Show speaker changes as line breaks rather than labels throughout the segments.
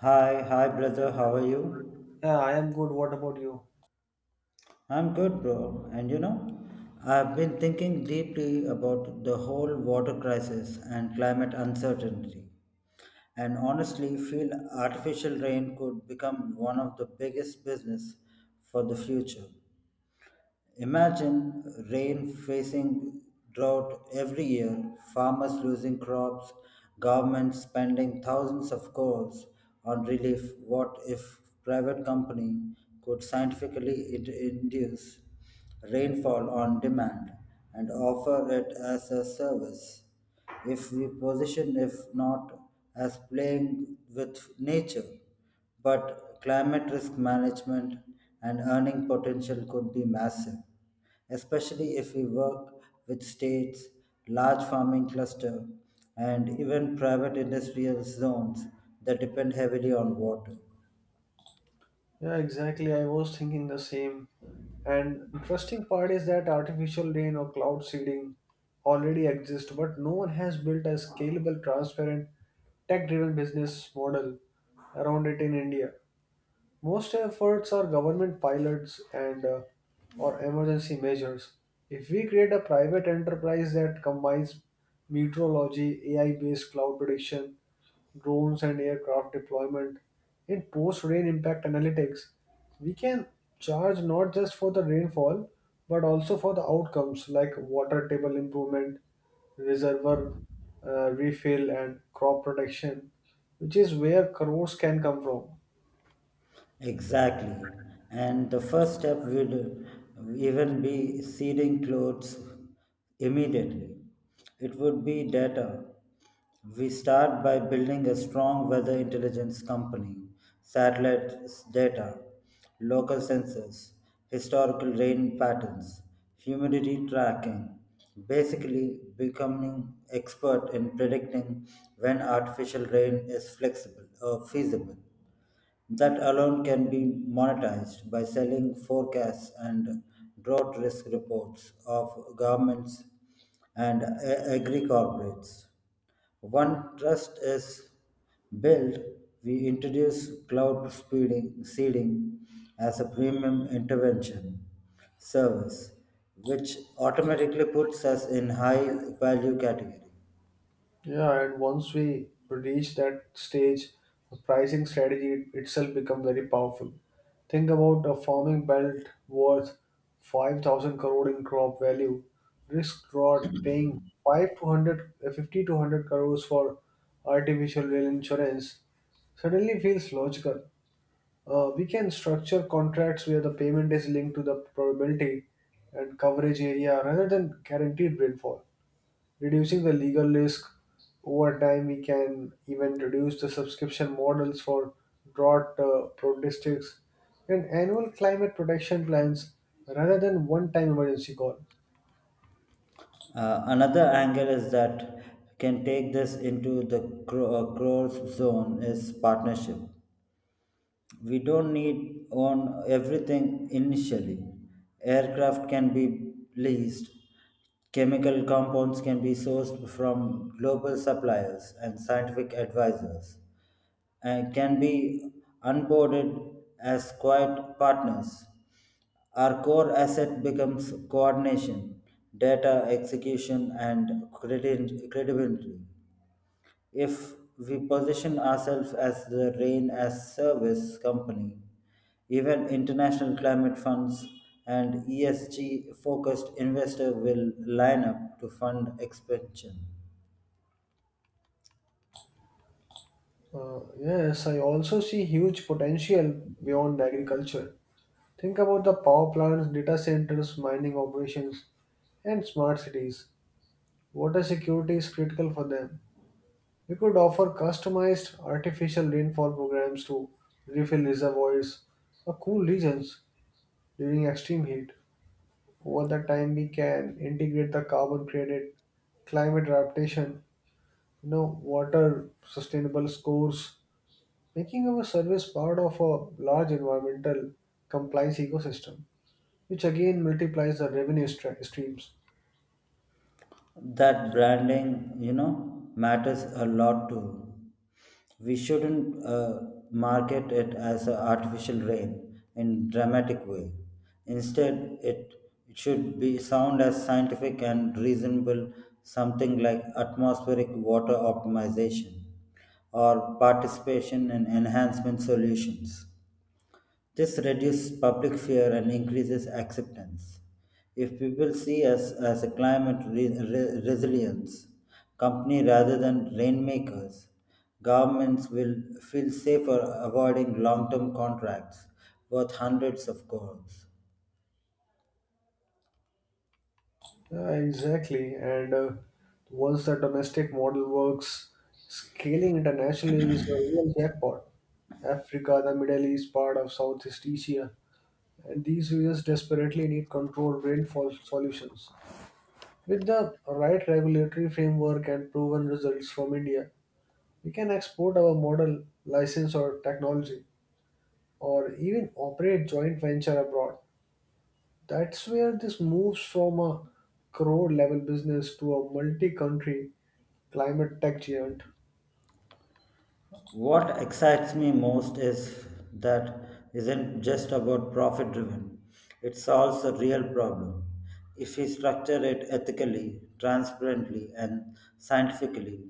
Hi, brother. How are you?
Yeah, I am good. What about you?
I'm good, bro. And you know, I've been thinking deeply about the whole water crisis and climate uncertainty. And honestly, feel artificial rain could become one of the biggest business for the future. Imagine rain facing drought every year, farmers losing crops, governments spending thousands of crores on relief. What if private company could scientifically induce rainfall on demand and offer it as a service? If we position, if not as playing with nature, but climate risk management and earning potential could be massive especially if we work with states, large farming cluster, and even private industrial zones that depend heavily on water.
Yeah, exactly. I was thinking the same. And interesting part is that artificial rain or cloud seeding already exist, but no one has built a scalable, transparent, tech-driven business model around it in India. Most efforts are government pilots and or emergency measures. If we create a private enterprise that combines meteorology, AI-based cloud prediction, drones and aircraft deployment in post-rain impact analytics, we can charge not just for the rainfall but also for the outcomes like water table improvement, reservoir refill, and crop protection, which is where crores can come from.
Exactly. And the first step will even be seeding clothes immediately. It would be data. We start by building a strong weather intelligence company, satellite data, local sensors, historical rain patterns, humidity tracking, basically becoming expert in predicting when artificial rain is flexible or feasible. That alone can be monetized by selling forecasts and drought risk reports of governments and agri corporates. One trust is built, we introduce cloud speeding, seeding as a premium intervention service, which automatically puts us in high value category.
Yeah, and once we reach that stage, the pricing strategy itself become very powerful. Think about a farming belt worth 5,000 crore in crop value. Risk drought paying 50 to 100 crores for artificial rail insurance suddenly feels logical. We can structure contracts where the payment is linked to the probability and coverage area rather than guaranteed rainfall reducing the legal risk. Over time, we can even reduce the subscription models for drought prone districts and annual climate protection plans rather than one time emergency call.
Another angle is that can take this into the crores zone is partnership. We don't need on everything initially aircraft can be leased chemical compounds can be sourced from global suppliers and scientific advisors and can be onboarded as quiet partners our core asset becomes coordination data execution and credibility if we position ourselves as the rain as service company, even international climate funds and ESG focused investor will line up to fund expansion.
Yes, I also see huge potential beyond agriculture. Think about the power plants, data centers, mining operations, and smart cities. Water security is critical for them. We could offer customized artificial rainfall programs to refill reservoirs or cool regions during extreme heat. Over the time, we can integrate the carbon credit, climate adaptation, you know, water sustainable scores, making our service part of a large environmental compliance ecosystem, which again multiplies the revenue streams.
That branding, you know, matters a lot too. We shouldn't market it as an artificial rain in dramatic way, instead it, it should be sound as scientific and reasonable, something like atmospheric water optimization or participation in enhancement solutions. This reduces public fear and increases acceptance. If people see us as a climate resilience company rather than rainmakers, governments will feel safer avoiding long term contracts worth hundreds of crores.
Yeah, exactly. And once the domestic model works, scaling internationally is a real jackpot. Africa, the Middle East, part of Southeast Asia, and these regions desperately need controlled rainfall solutions. With the right regulatory framework and proven results from India, we can export our model, license, or technology, or even operate joint venture abroad. That's where this moves from a crore level business to a multi country climate tech giant.
What excites me most is that isn't just about profit driven. It solves a real problem. If we structure it ethically, transparently, and scientifically,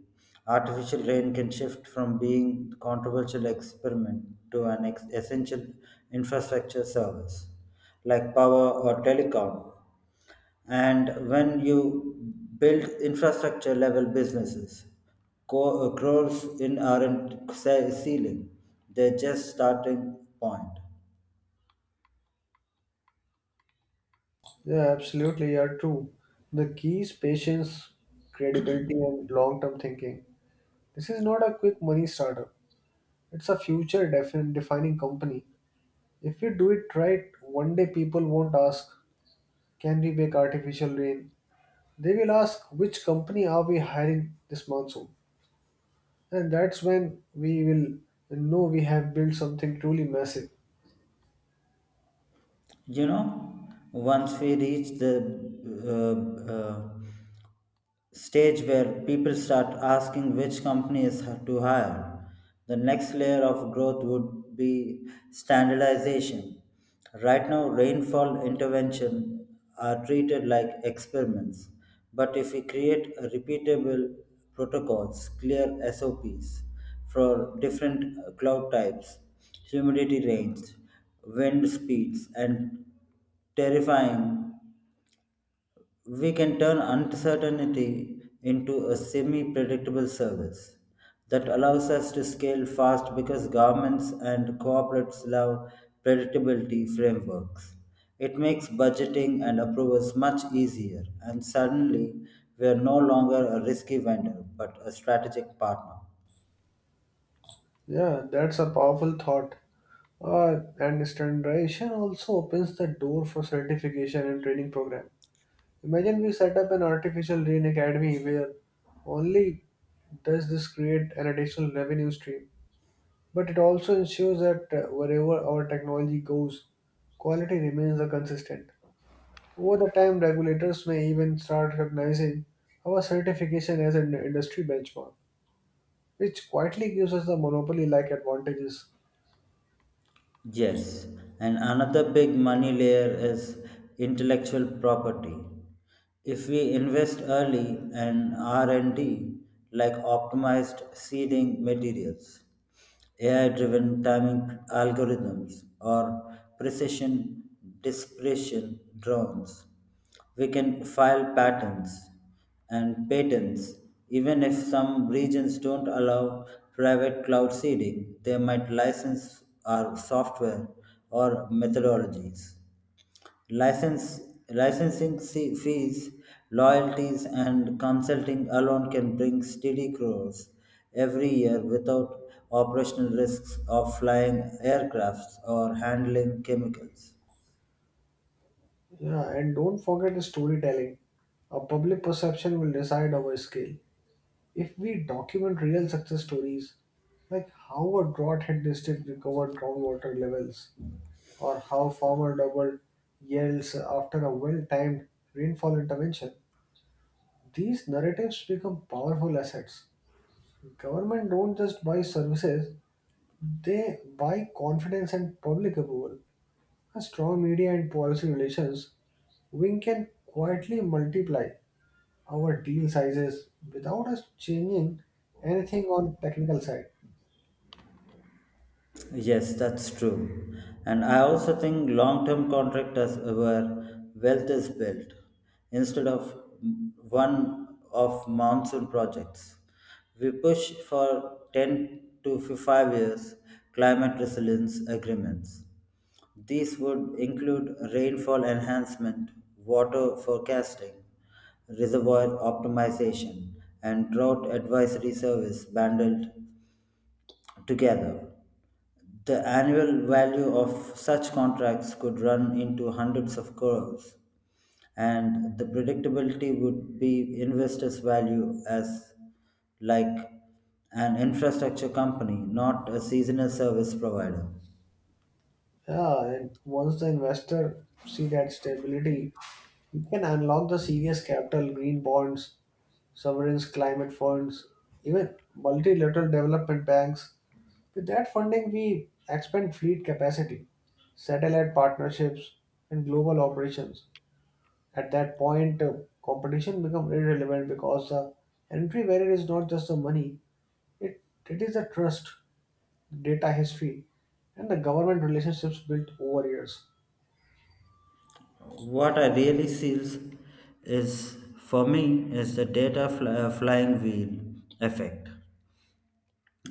artificial rain can shift from being controversial experiment to an essential infrastructure service like power or telecom and when you build infrastructure level businesses growth in aren't ceiling they're just starting point.
Yeah, absolutely, you're true. The key is patience, credibility, and long term thinking. This is not a quick money startup, it's a future defining company. If we do it right, one day people won't ask, "Can we make artificial rain?" They will ask, "Which company are we hiring this monsoon?" And that's when we will know we have built something truly massive.
You know, once we reach the uh, uh, stage where people start asking which companies to hire. The next layer of growth would be standardization. Right now, rainfall intervention are treated like experiments, but if we create a repeatable protocols, clear SOPs for different cloud types, humidity range, wind speeds, and terrifying we can turn uncertainty into a semi predictable service that allows us to scale fast because governments and corporates love predictability frameworks. It makes budgeting and approvals much easier, and suddenly we are no longer a risky vendor but a strategic partner.
Yeah, that's a powerful thought. And standardization also opens the door for certification and training program. Imagine we set up an artificial rain academy where only does this create an additional revenue stream, but it also ensures that wherever our technology goes, quality remains the consistent. Over the time, regulators may even start recognizing our certification as an industry benchmark, which quietly gives us the monopoly-like advantages.
Yes, and another big money layer is intellectual property. If we invest early in R&D like optimized seeding materials, AI-driven timing algorithms or precision dispersion drones, we can file patents and patents even if some regions don't allow private cloud seeding. They might license our software or methodologies. License Licensing fees, loyalties, and consulting alone can bring steady crores every year without operational risks of flying aircrafts or handling chemicals.
Yeah, and don't forget the storytelling. Our public perception will decide our scale. If we document real success stories, like how a drought-hit district recovered groundwater levels, or how farmer doubled yields after a well-timed rainfall intervention, these narratives become powerful assets. Government don't just buy services; they buy confidence and public approval. A strong media and policy relations wing can quietly multiply our deal sizes without us changing anything on technical side.
Yes, that's true. And I also think long term contractors where wealth is built instead of one off monsoon projects. We push for 10 to 5 years climate resilience agreements. These would include rainfall enhancement, water forecasting, reservoir optimization, and drought advisory service bundled together. The annual value of such contracts could run into hundreds of crores, and the predictability would be investors' value as like an infrastructure company, not a seasonal service provider.
Yeah, and once the investor see that stability, you can unlock the serious capital, green bonds, sovereigns, climate funds, even multilateral development banks. With that funding, we expand fleet capacity, satellite partnerships, and global operations. At that point, competition become irrelevant because the entry barrier is not just the money; it it is the trust. Data history, and the government relationships built over years.
What I really sees is, for me, is the data flying wheel effect.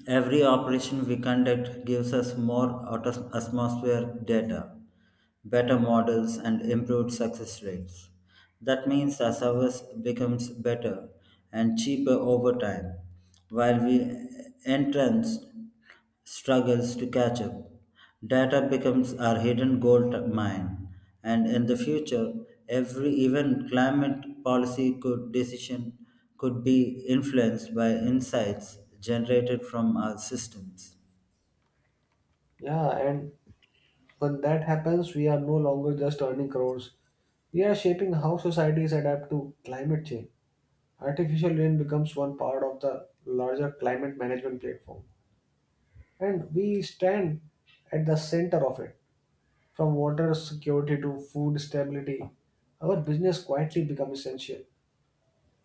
Every operation we conduct gives us more atmosphere data, better models, and improved success rates. That means the service becomes better and cheaper over time, while we entrance struggles to catch up. Data becomes our hidden gold mine, and in the future, every even climate policy could decision could be influenced by insights generated from our systems.
Yeah, and when that happens, we are no longer just earning crores. We are shaping how societies adapt to climate change. Artificial rain becomes one part of the larger climate management platform, and we stand at the center of it. From water security to food stability, our business quietly becomes essential.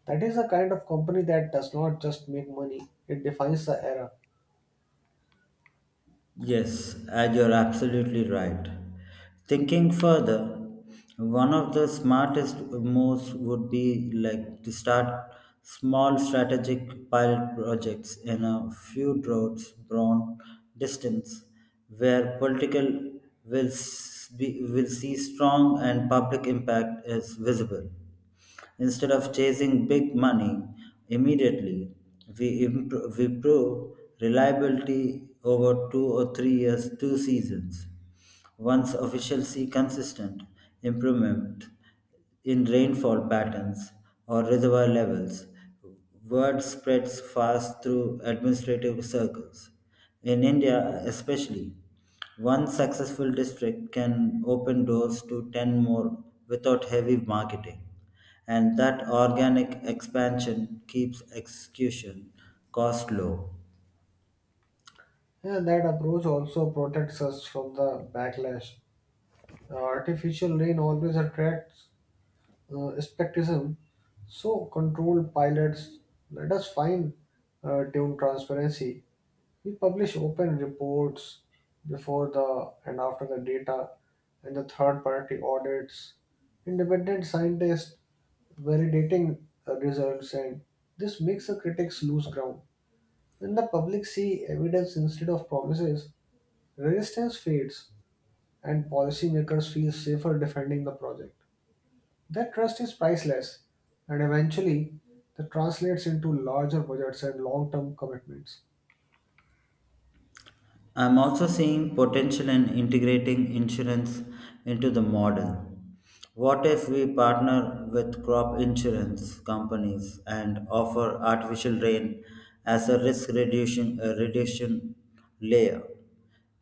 That is the kind of company that does not just make money, it defines the era.
Yes, and you're absolutely right. Thinking further, one of the smartest moves would be like to start small strategic pilot projects in a few roads broad distance where political will see strong and public impact is visible. Instead of chasing big money immediately, we prove reliability over 2 or 3 years, two seasons. Once officials see consistent improvement in rainfall patterns or reservoir levels, word spreads fast through administrative circles. In India, especially, one successful district can open doors to 10 more without heavy marketing. And that organic expansion keeps execution cost low.
Yeah, that approach also protects us from the backlash. Artificial rain always attracts skepticism, so controlled pilots let us find tune transparency. We publish open reports before the and after the data, and the third party audits, independent scientists validating results, and this makes the critics lose ground. When the public see evidence instead of promises, resistance fades, and policymakers feel safer defending the project. That trust is priceless, and eventually, that translates into larger budgets and long term commitments.
I'm also seeing potential in integrating insurance into the model. What if we partner with crop insurance companies and offer artificial rain as a a reduction layer?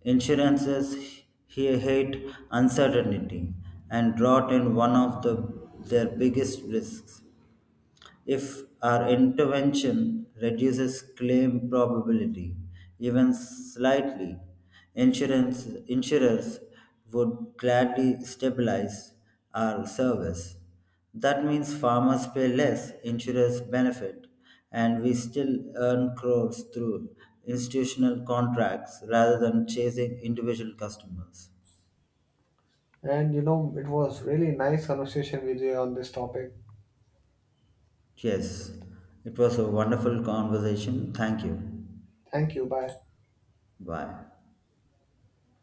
Insurances here hate uncertainty and drought in one of the, their biggest risks. If our intervention reduces claim probability, even slightly, insurers would gladly stabilize our service. That means farmers pay less, insurers benefit, and we still earn crores through institutional contracts rather than chasing individual customers.
And you know, it was really nice conversation with you on this topic.
Yes, it was a wonderful conversation. Thank you.
Thank you. Bye.
Bye.